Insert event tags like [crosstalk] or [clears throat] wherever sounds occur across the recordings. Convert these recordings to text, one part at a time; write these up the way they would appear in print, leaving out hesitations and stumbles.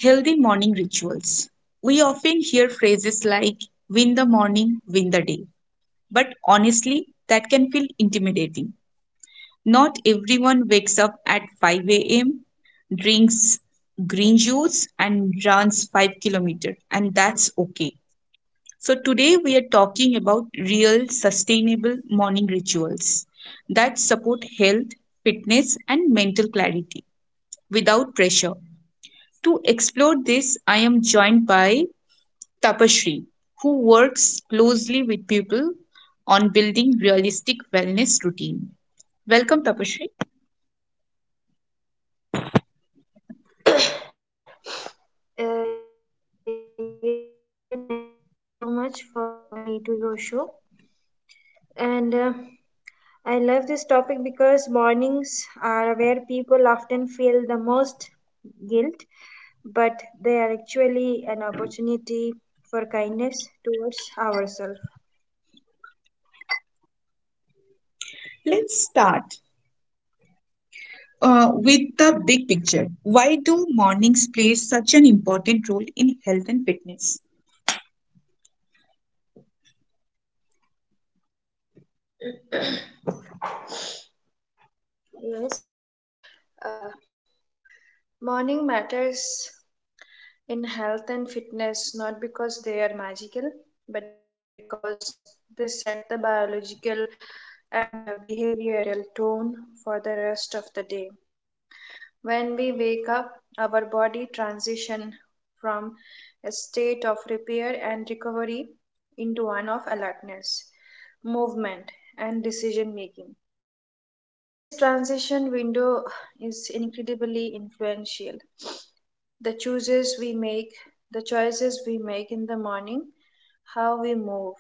Healthy morning rituals. We often hear phrases like win the morning, win the day, but honestly, that can feel intimidating. Not everyone wakes up at 5 a.m., drinks green juice, and runs 5 kilometers, and that's okay. So, today we are talking about real sustainable morning rituals that support health, fitness, and mental clarity without pressure. To explore this, I am joined by Tapashri, who works closely with people on building realistic wellness routine. Welcome, Tapashri. Yes, Tania, thank you so much for inviting me to your show. And I love this topic because mornings are where people often feel the most guilt, but they are actually an opportunity for kindness towards ourselves. Let's start with the big picture. Why do mornings play such an important role in health and fitness? Yes, uh, morning matters in health and fitness not because they are magical but because they set the biological and behavioral tone for the rest of the day. When we wake up our body transition from a state of repair and recovery into one movement and decision making. This transition window is incredibly influential. The choices we make, the choices we make in the morning, how we move,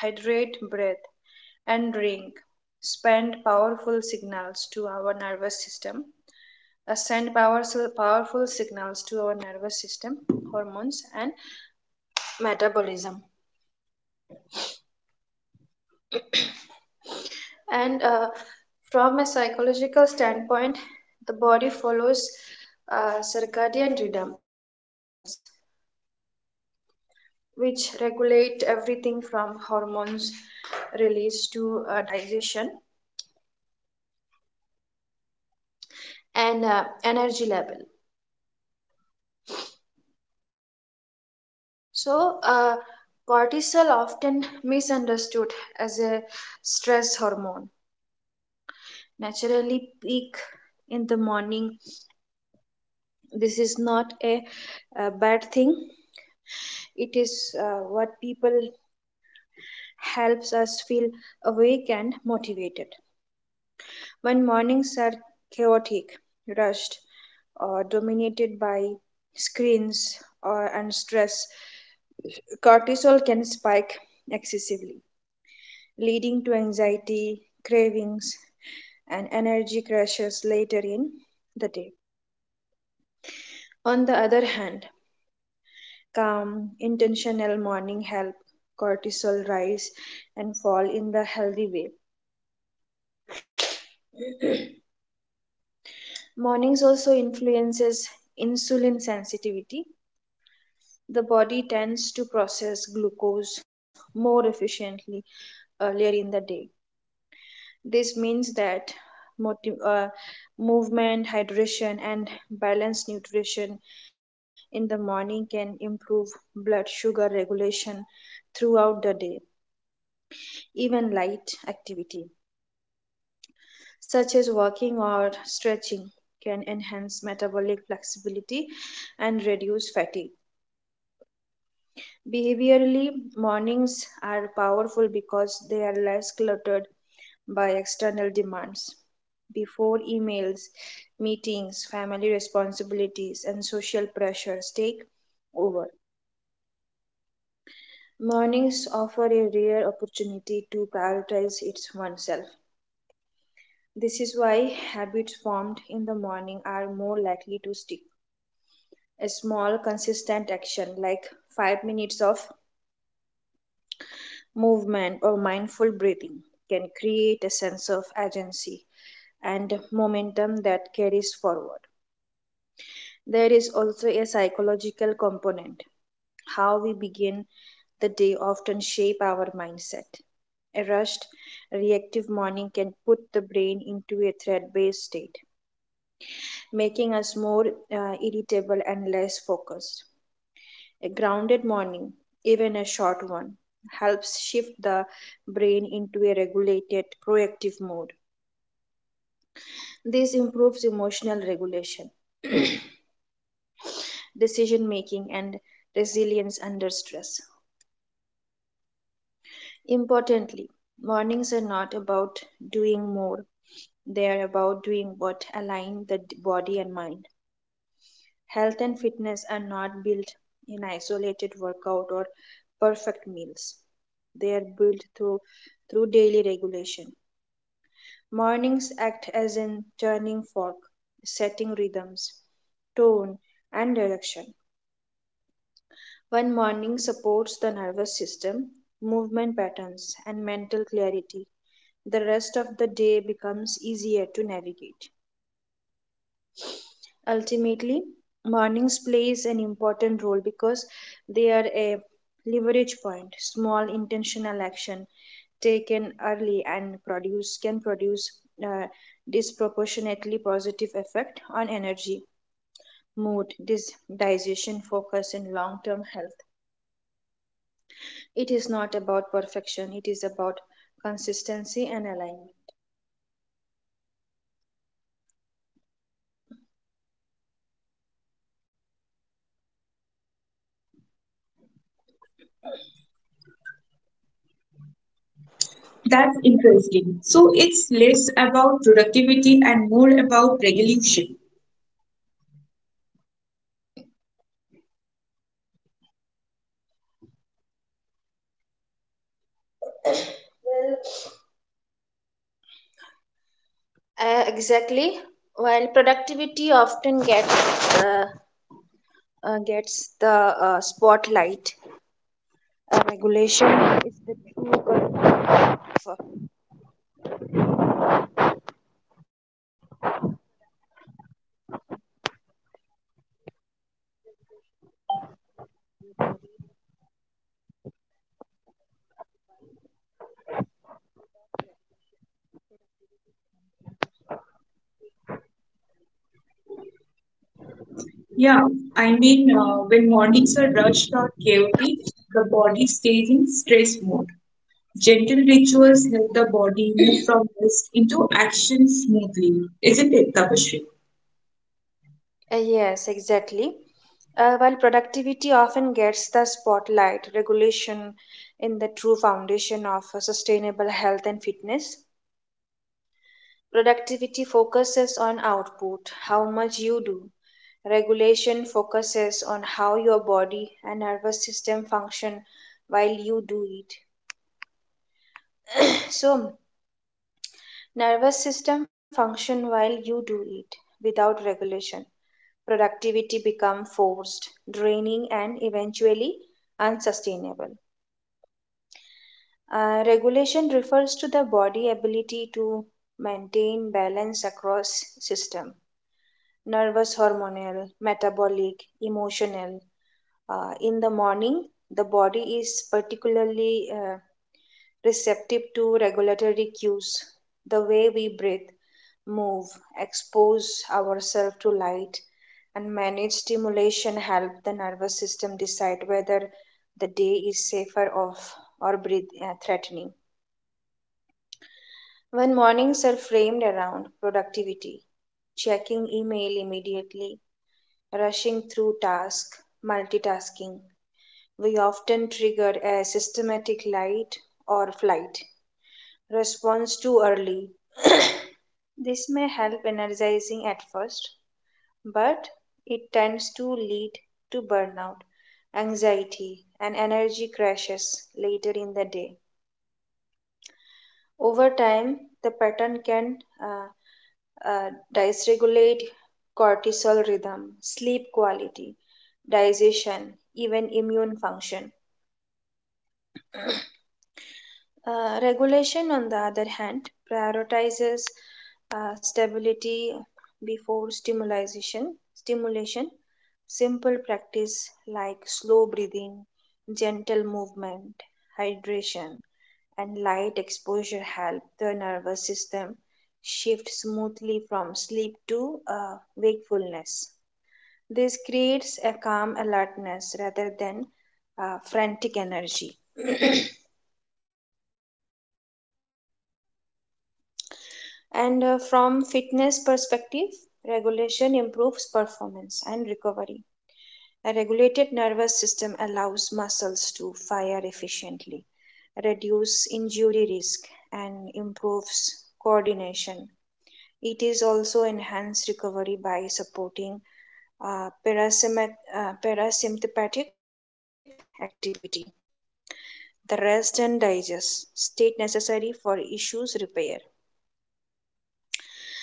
hydrate, breathe, and drink, spend powerful signals to our nervous system, send powerful signals to our nervous system, hormones, and metabolism. And From a psychological standpoint, the body follows circadian rhythms, which regulate everything from hormones release to digestion and energy level. So, uh, Cortisol, often misunderstood as a stress hormone, naturally peak in the morning. This is not a bad thing. It is what people helps us feel awake and motivated. When mornings are chaotic, rushed, or dominated by screens or and stress, cortisol can spike excessively, leading to anxiety, cravings, and energy crashes later in the day. On the other hand, calm, intentional morning help cortisol rise and fall in the healthy way. Mornings also influences insulin sensitivity. The body tends to process glucose more efficiently earlier in the day. This means that motiv- uh, movement, hydration, and balanced nutrition in the morning can improve blood sugar regulation throughout the day. Even light activity, such as walking or stretching, can enhance metabolic flexibility and reduce fatigue. Behaviorally, mornings are powerful because they are less cluttered by external demands. Before emails, meetings, family responsibilities, and social pressures take over, mornings offer a rare opportunity to prioritize its oneself. This is why habits formed in the morning are more likely to stick. A small, consistent action like 5 minutes of Movement or mindful breathing can create a sense of agency and momentum that carries forward. There is also a psychological component. How we begin the day often shape our mindset. A rushed, reactive morning can put the brain into a threat-based state, making us more irritable and less focused. A grounded morning, even a short one, helps shift the brain into a regulated, proactive mode. This improves emotional regulation, [clears throat] decision making, and resilience under stress. Importantly, mornings are not about doing more, they are about doing what align the body and mind. Health and fitness are not built in isolated workout or perfect meals. They are built through daily regulation. Mornings act as a turning fork, setting rhythms, tone, and direction. When morning supports the nervous system, movement patterns, and mental clarity, the rest of the day becomes easier to navigate. Ultimately, mornings plays an important role because they are a leverage point. Small intentional action taken early and produce can produce uh, disproportionately positive effect on energy, mood, digestion, focus, and long-term health. It is not about perfection. It is about consistency and alignment. That's interesting. So it's less about productivity and more about regulation. Well, exactly. While productivity often gets the spotlight. Regulation is the true gun of- Uh, Yeah, I mean, when mornings are rushed or chaotic, the body stays in stress mode. Gentle rituals help the body move from rest into action smoothly, isn't it, Tapashri? yes, exactly. While productivity often gets the spotlight, regulation in the true foundation of sustainable health and fitness. Productivity focuses on output, how much you do. Regulation focuses on how your body and nervous system function while you do it. So, nervous system function while you do it without regulation. Productivity become forced, draining and eventually unsustainable. Regulation refers to the body ability to maintain balance across system, nervous, hormonal, metabolic, emotional. In the morning, the body is particularly receptive to regulatory cues. The way we breathe, move, expose ourselves to light, and manage stimulation help the nervous system decide whether the day is safer off or breathe threatening. When mornings are framed around productivity, checking email immediately, rushing through tasks, multitasking, we often trigger a systematic light or flight response too early. This may help energizing at first, but it tends to lead to burnout, anxiety, and energy crashes later in the day. Over time, the pattern can uh, dysregulate cortisol rhythm, sleep quality, digestion, even immune function. Regulation, on the other hand, prioritizes stability before stimulation. Stimulation, simple practice like slow breathing, gentle movement, hydration, and light exposure help the nervous system shift smoothly from sleep to wakefulness. This creates a calm alertness rather than frantic energy. [clears throat] and From fitness perspective, regulation improves performance and recovery. A regulated nervous system allows muscles to fire efficiently, reduce injury risk, and improves coordination. It is also enhanced recovery by supporting parasympathetic activity, the rest and digest state necessary for issues repair. Mentally,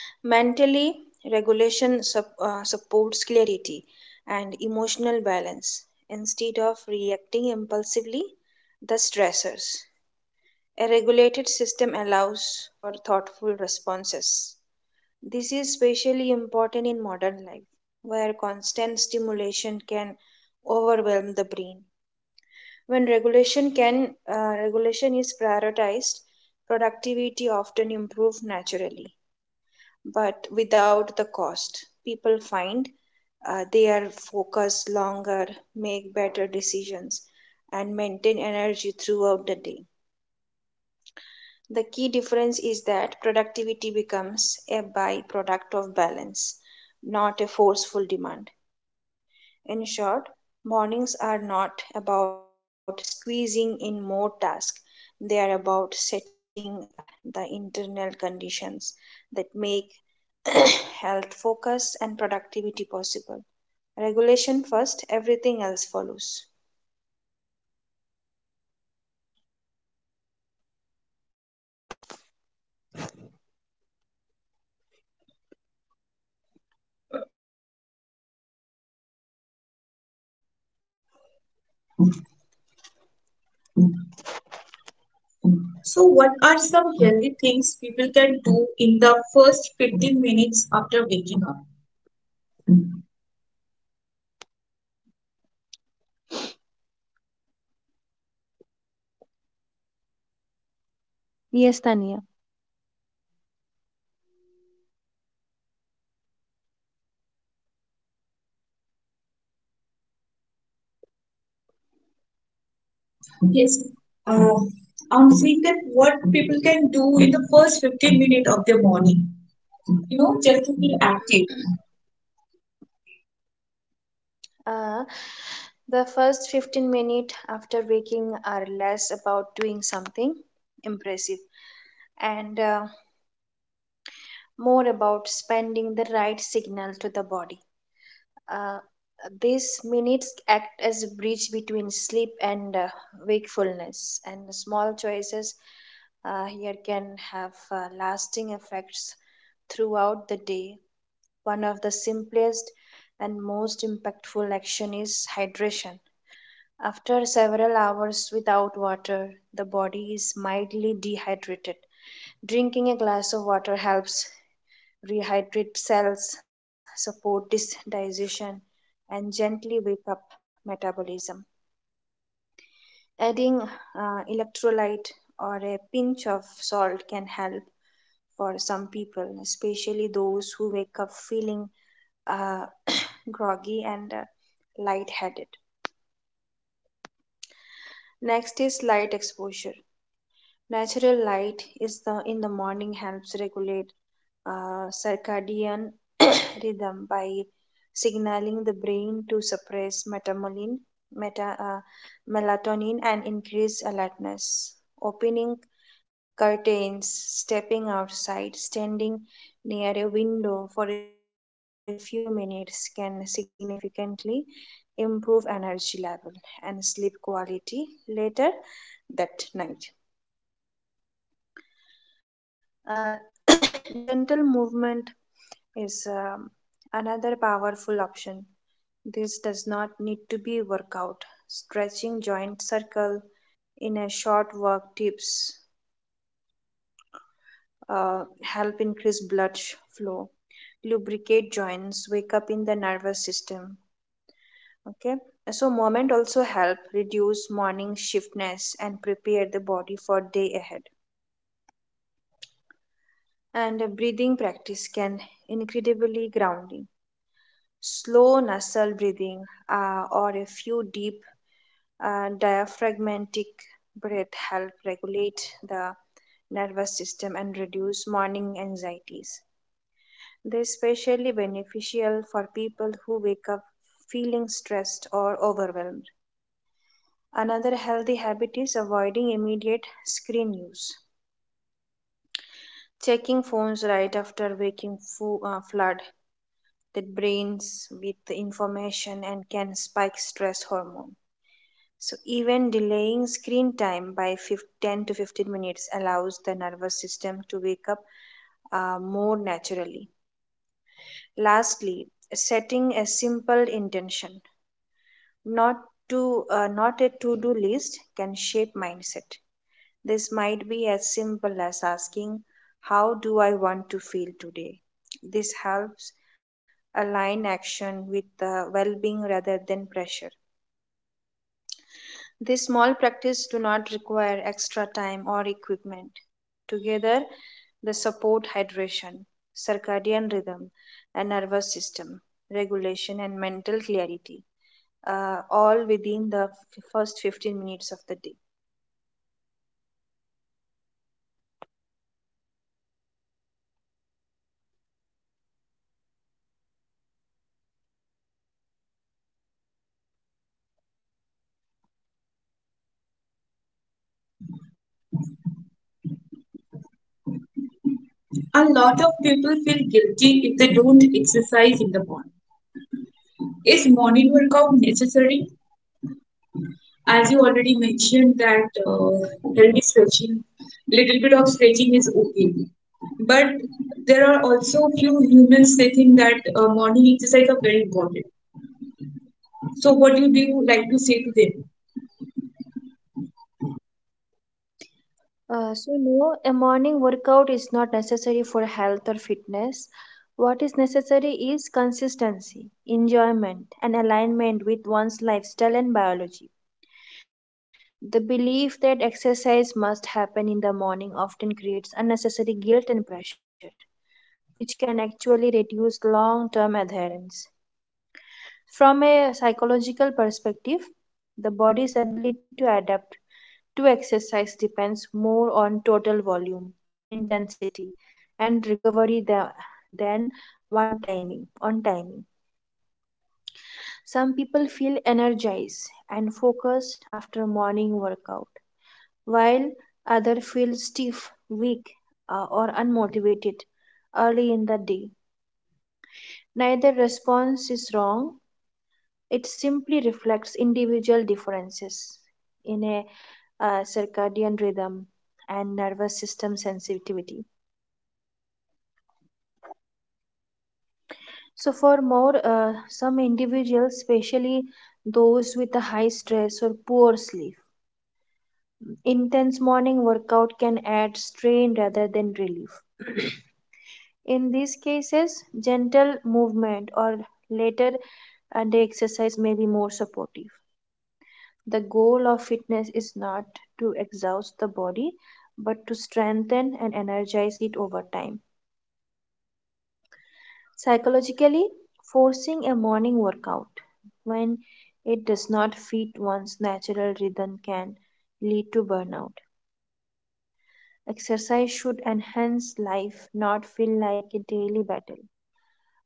regulation supports clarity and emotional balance instead of reacting impulsively the stressors. A regulated system allows thoughtful responses. This is especially important in modern life, where constant stimulation overwhelm the brain. When regulation is prioritized, productivity often improves naturally but without the cost. People find they are focused longer, make better decisions, and maintain energy throughout the day. The key difference is that productivity becomes a byproduct of balance, not a forceful demand. In short, mornings are not about squeezing in more tasks, they are about setting the internal conditions that make [clears throat] health focus and productivity possible. Regulation first, everything else follows. So, what are some healthy things people can do in the first 15 minutes after waking up? Yes, Tanya. Yes. Uh, I'm saying that what people can do in the first 15 minutes of their morning, you know, just to feel active. Uh, the first 15 minutes after waking are less about doing something impressive and more about spending the right signal to the body. Uh, these minutes act as a bridge between sleep and wakefulness, and small choices here can have lasting effects throughout the day. One of the simplest and most impactful action is hydration. After several hours without water, the body is mildly dehydrated. Drinking a glass of water helps rehydrate cells, support digestion, and gently wake up metabolism. Adding electrolyte or a pinch of salt can help for some people, especially those who wake up feeling uh, groggy, and lightheaded. Next is light exposure. Natural light is the in the morning helps regulate circadian [coughs] rhythm by signaling the brain to suppress metamolin, meta, uh, melatonin and increase alertness. Opening curtains, stepping outside, standing near a window for a few minutes can significantly improve energy level and sleep quality later that night. Uh, [coughs] [clears throat] Gentle movement is another powerful option. This does not need to be workout. Stretching joint circle in a short work tips help increase flow, lubricate joints, wake up in the nervous system. Okay, so movement also help reduce morning shiftness and prepare the body for day ahead. And breathing practice incredibly grounding, slow nasal breathing or a few deep diaphragmatic breath help regulate the nervous system and reduce morning anxieties. They're especially beneficial for people who wake up feeling stressed or overwhelmed. Another healthy habit is avoiding immediate screen use. Checking phones right after waking flood the brains with information and can spike stress hormone. So, even delaying screen time by 5, 10 to 15 minutes allows the nervous system to wake up more naturally. Lastly, setting a simple intention, not to not a to-do list, can shape mindset. This might be as simple as asking, "How do I want to feel today?" This helps align action with the well-being rather than pressure. These small practice do not require extra time or equipment. Together, they support hydration, circadian rhythm, and nervous system regulation and mental clarity, all within the first 15 minutes of the day. A lot of people feel guilty if they don't exercise in the morning. Is morning workout necessary? As you already mentioned that healthy stretching, little bit of stretching is okay, but there are also few humans they think that morning exercise are very important. So what do you like to say to them? So no, a morning workout is not necessary for health or fitness. What is necessary is consistency, enjoyment, and alignment with one's lifestyle and biology. The belief that exercise must happen in the morning often creates unnecessary guilt and pressure, which can actually reduce long term adherence. From a psychological perspective, the body's ability to adapt to exercise depends more on total volume, intensity, and recovery than one timing on timing. Some people feel energized and focused after morning workout, while others feel stiff, weak, or unmotivated early in the day. Neither response is wrong, it simply reflects individual differences in a circadian rhythm and nervous system sensitivity. So, some individuals, especially those with a high stress or poor sleep, intense morning workout can add strain rather than relief. In these cases, gentle movement or later a day exercise be more supportive. The goal of fitness is not to exhaust the body but to strengthen and energize it over time. Psychologically, forcing a morning workout when it does not fit one's natural rhythm can lead to burnout. Exercise should enhance life, not feel like a daily battle.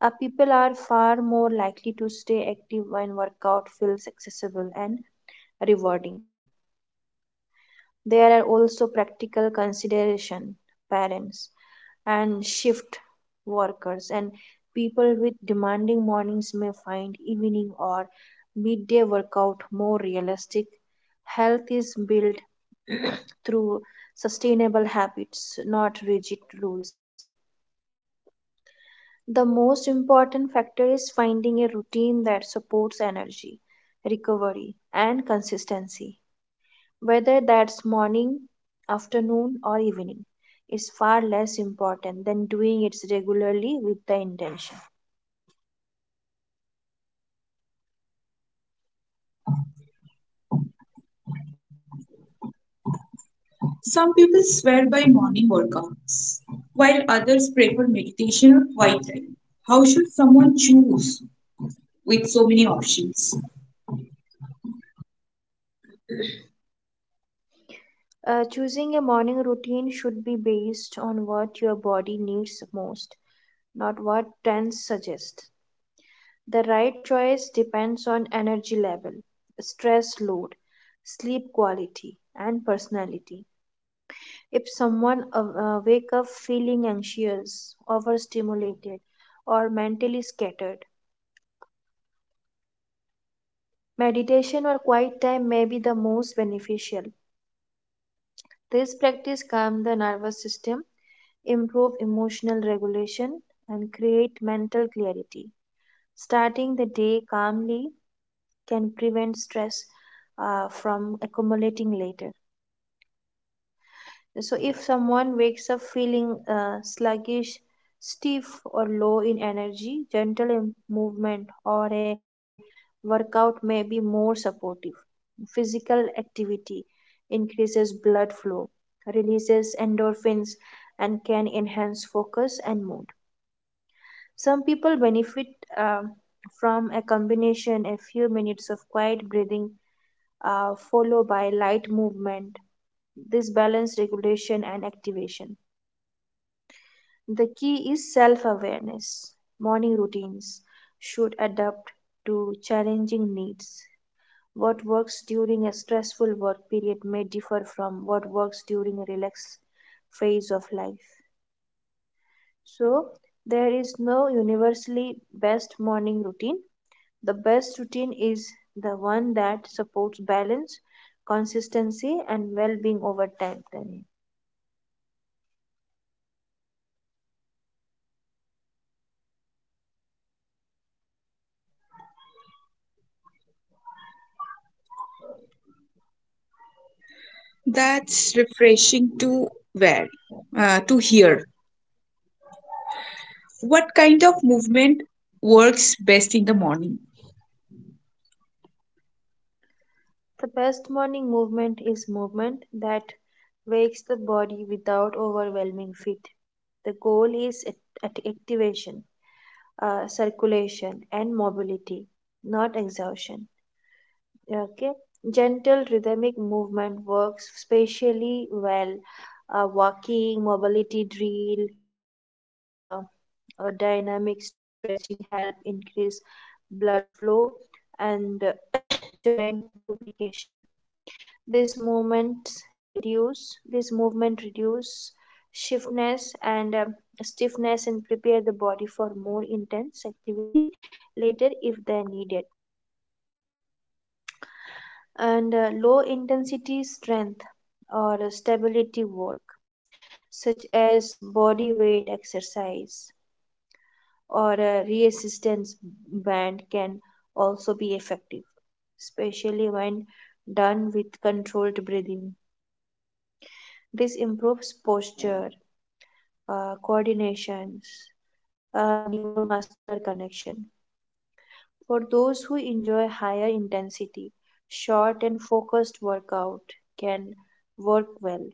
People are far more likely to stay active when workout feels accessible and rewarding. There are also practical consideration parents and shift workers and people with demanding mornings may find evening or midday workout more realistic. Health is built [clears throat] through sustainable habits, not rigid rules. The most important factor is finding a routine that supports energy, recovery, and consistency. Whether that's morning, afternoon, or evening, is far less important than doing it regularly with the intention. Some people swear by morning workouts while others prefer meditation or quiet time. How should someone choose with so many options? Choosing a morning routine should be based on what your body needs most, not what trends suggest. The right choice depends on energy level, stress load, sleep quality, and personality. If someone wake up feeling anxious, overstimulated, or mentally scattered, meditation or quiet time may be the most beneficial. This practice calms the nervous system, improve emotional regulation, and create mental clarity. Starting the day calmly can prevent stress from accumulating later. So, if someone wakes up feeling sluggish, stiff, or low in energy, gentle movement or a workout may be more supportive. Physical activity increases blood flow, releases endorphins, and can enhance focus and mood. Some people benefit uh, from a combination, a few minutes of quiet breathing followed by light movement. This balance regulation and activation. The key is self awareness. Morning routines should adapt to challenging needs. What works during a stressful work period may differ from what works during a relaxed phase of life. So, there is no universally best morning routine. The best routine is the one that supports balance, consistency, and well being over time. Tanvi. That's refreshing to wear, to hear. What kind of movement works best in the morning? The best morning movement is movement that wakes the body without overwhelming it. The goal is at activation, circulation, and mobility, not exhaustion. Okay, gentle rhythmic movement works especially well. Walking, mobility drill, yoga, or dynamic stretching help increase blood flow and [coughs] [clears throat] joint lubrication. This movement this movement reduce stiffness and prepare the body for more intense activity later if they need it. And low intensity strength or stability work such as body weight exercise or a resistance band can also be effective, especially when done with controlled breathing. This improves posture, coordinations, neuromuscular connection. For those who enjoy higher intensity, short and focused workout can work well,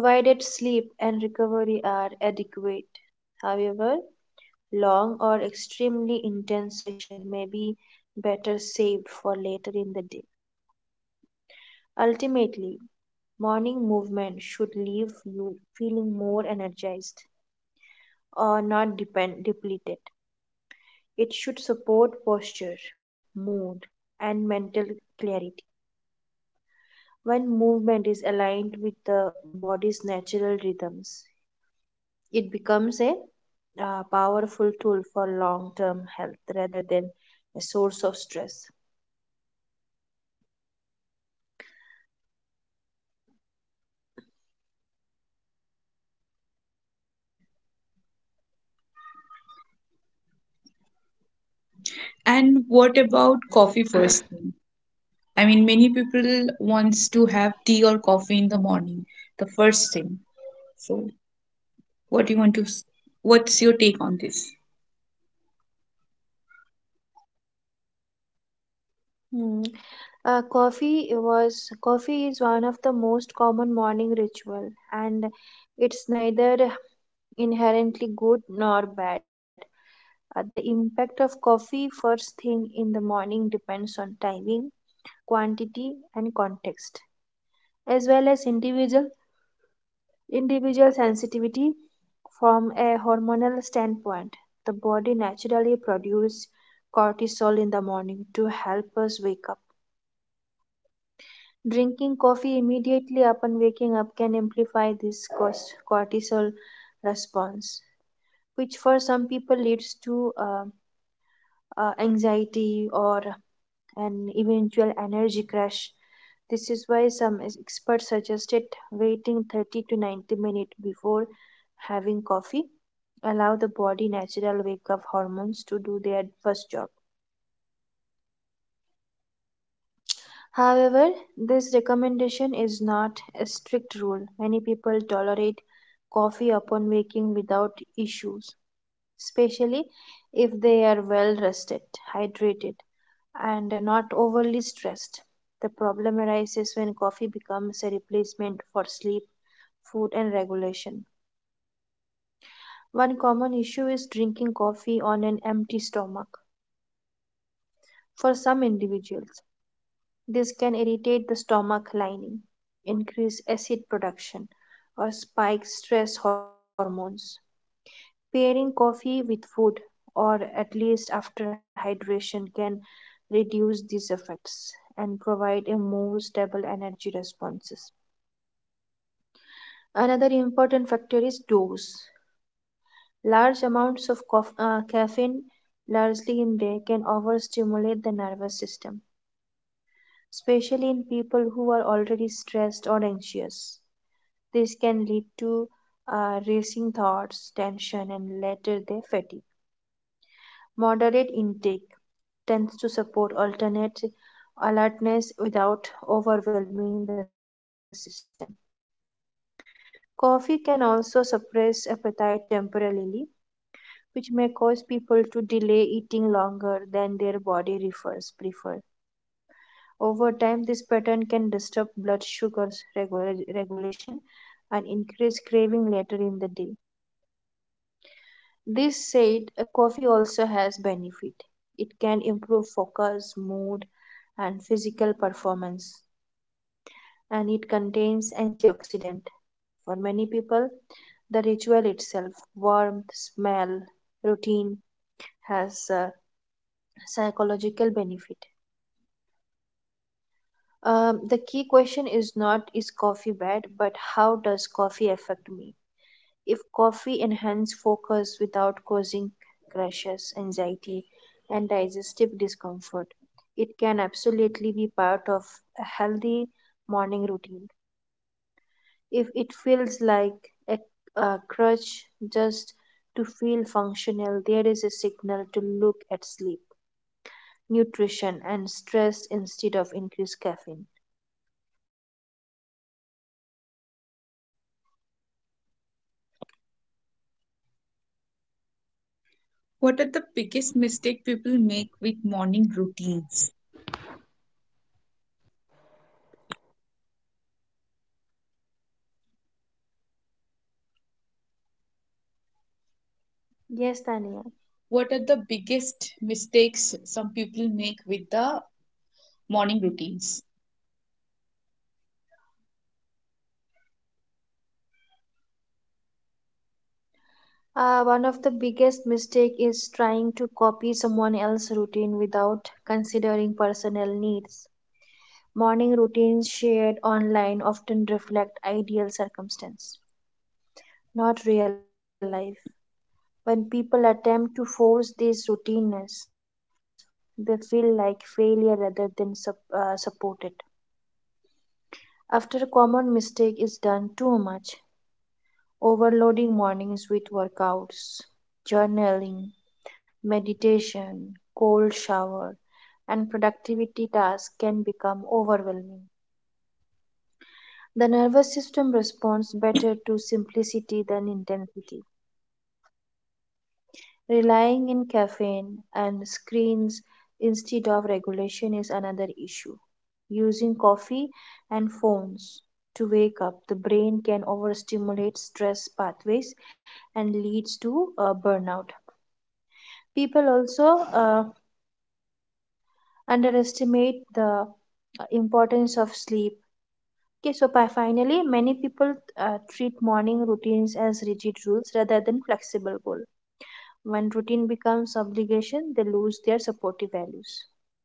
provided sleep and recovery are adequate. However, long or extremely intense session may be better for later in the day. Ultimately, morning movement should leave you feeling more energized or not depleted. It should support posture, mood, and mental clarity. When movement is aligned with the body's natural rhythms, it becomes a powerful tool for long term health rather than a source of stress. And what about coffee first thing? I mean, many people wants to have tea or coffee in the morning, the first thing. So, what do you what's your take on this? Hmm. Coffee is one of the most common morning ritual, and it's neither inherently good nor bad. The impact of coffee first thing in the morning depends on timing, quantity, and context, as well as individual sensitivity. From a hormonal standpoint, the body naturally produces cortisol in the morning to help us wake up. Drinking coffee immediately upon waking up can amplify this cortisol response, which for some people leads to anxiety or and eventual energy crash. This is why some experts suggested waiting 30 to 90 minutes before having coffee. Allow the body natural wake up hormones to do their first job. However, this recommendation is not a strict rule. Many people tolerate coffee upon waking without issues, especially if they are well rested, hydrated, and not overly stressed. The problem arises when coffee becomes a replacement for food, and regulation. One common issue is drinking coffee on an empty stomach. For some individuals, this can irritate the stomach lining, increase acid production, or spike stress hormones. Pairing coffee with food, or at least after hydration, can reduce these effects and provide a more stable energy responses. Another important factor is dose. Large amounts of caffeine, largely in day, can overstimulate the nervous system, especially in people who are already stressed or anxious. This can lead to racing thoughts, tension, and later the fatigue. Moderate intake tends to support alternate alertness without overwhelming the system. Coffee can also suppress appetite temporarily, which may cause people to delay eating longer than their body refers prefer. Over time, this pattern can disturb blood sugar regulation and increase craving later in the day. This said, a coffee also has benefit. It can improve focus, mood, and physical performance, and it contains antioxidant. For many people, the ritual itself, warmth, smell, routine, has a psychological benefit. Question is not is coffee bad, but how does coffee affect me? If coffee enhances focus without causing crashes, anxiety, and digestive discomfort, it can absolutely be part of a healthy morning routine. If it feels like a, a crutch just to feel functional, there is a signal to look at sleep, nutrition, and stress instead of increased caffeine. What are the biggest mistake people make with morning routines? Yes, Tania. What are the biggest mistakes some people make with the morning routines? One of the biggest mistake is trying to copy someone else's routine without considering personal needs. Morning routines shared online often reflect ideal circumstance, not real life. When people attempt to force this routineness, they feel like failure rather than supported. After a common mistake is done too much, overloading mornings with workouts, journaling, meditation, cold shower, and productivity tasks can become overwhelming. The nervous system responds better to simplicity than intensity. Relying on caffeine and screens instead of regulation is another issue. Using coffee and phones to wake up, the brain can overstimulate stress pathways and leads to burnout. People also uh, underestimate the importance of sleep. Okay, so by finally, many people treat morning routines as rigid rules rather than flexible goals. When routine becomes obligation, they lose their supportive values.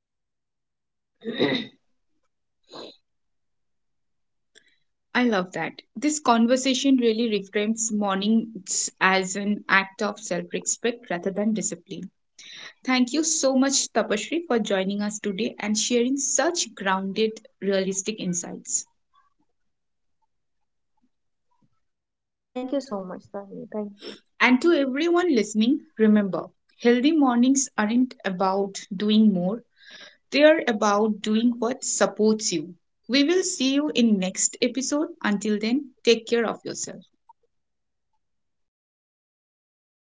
I love that. This conversation really reframes mornings as an act of self respect rather than discipline. Thank you so much, Tapashri, for joining us today and sharing such grounded, realistic insights. [clears throat] Thank you so much, Tani. Thank you. And to everyone listening, remember healthy mornings aren't about doing more, they are about doing what supports you. We will see you in next episode. Until then, take care of yourself.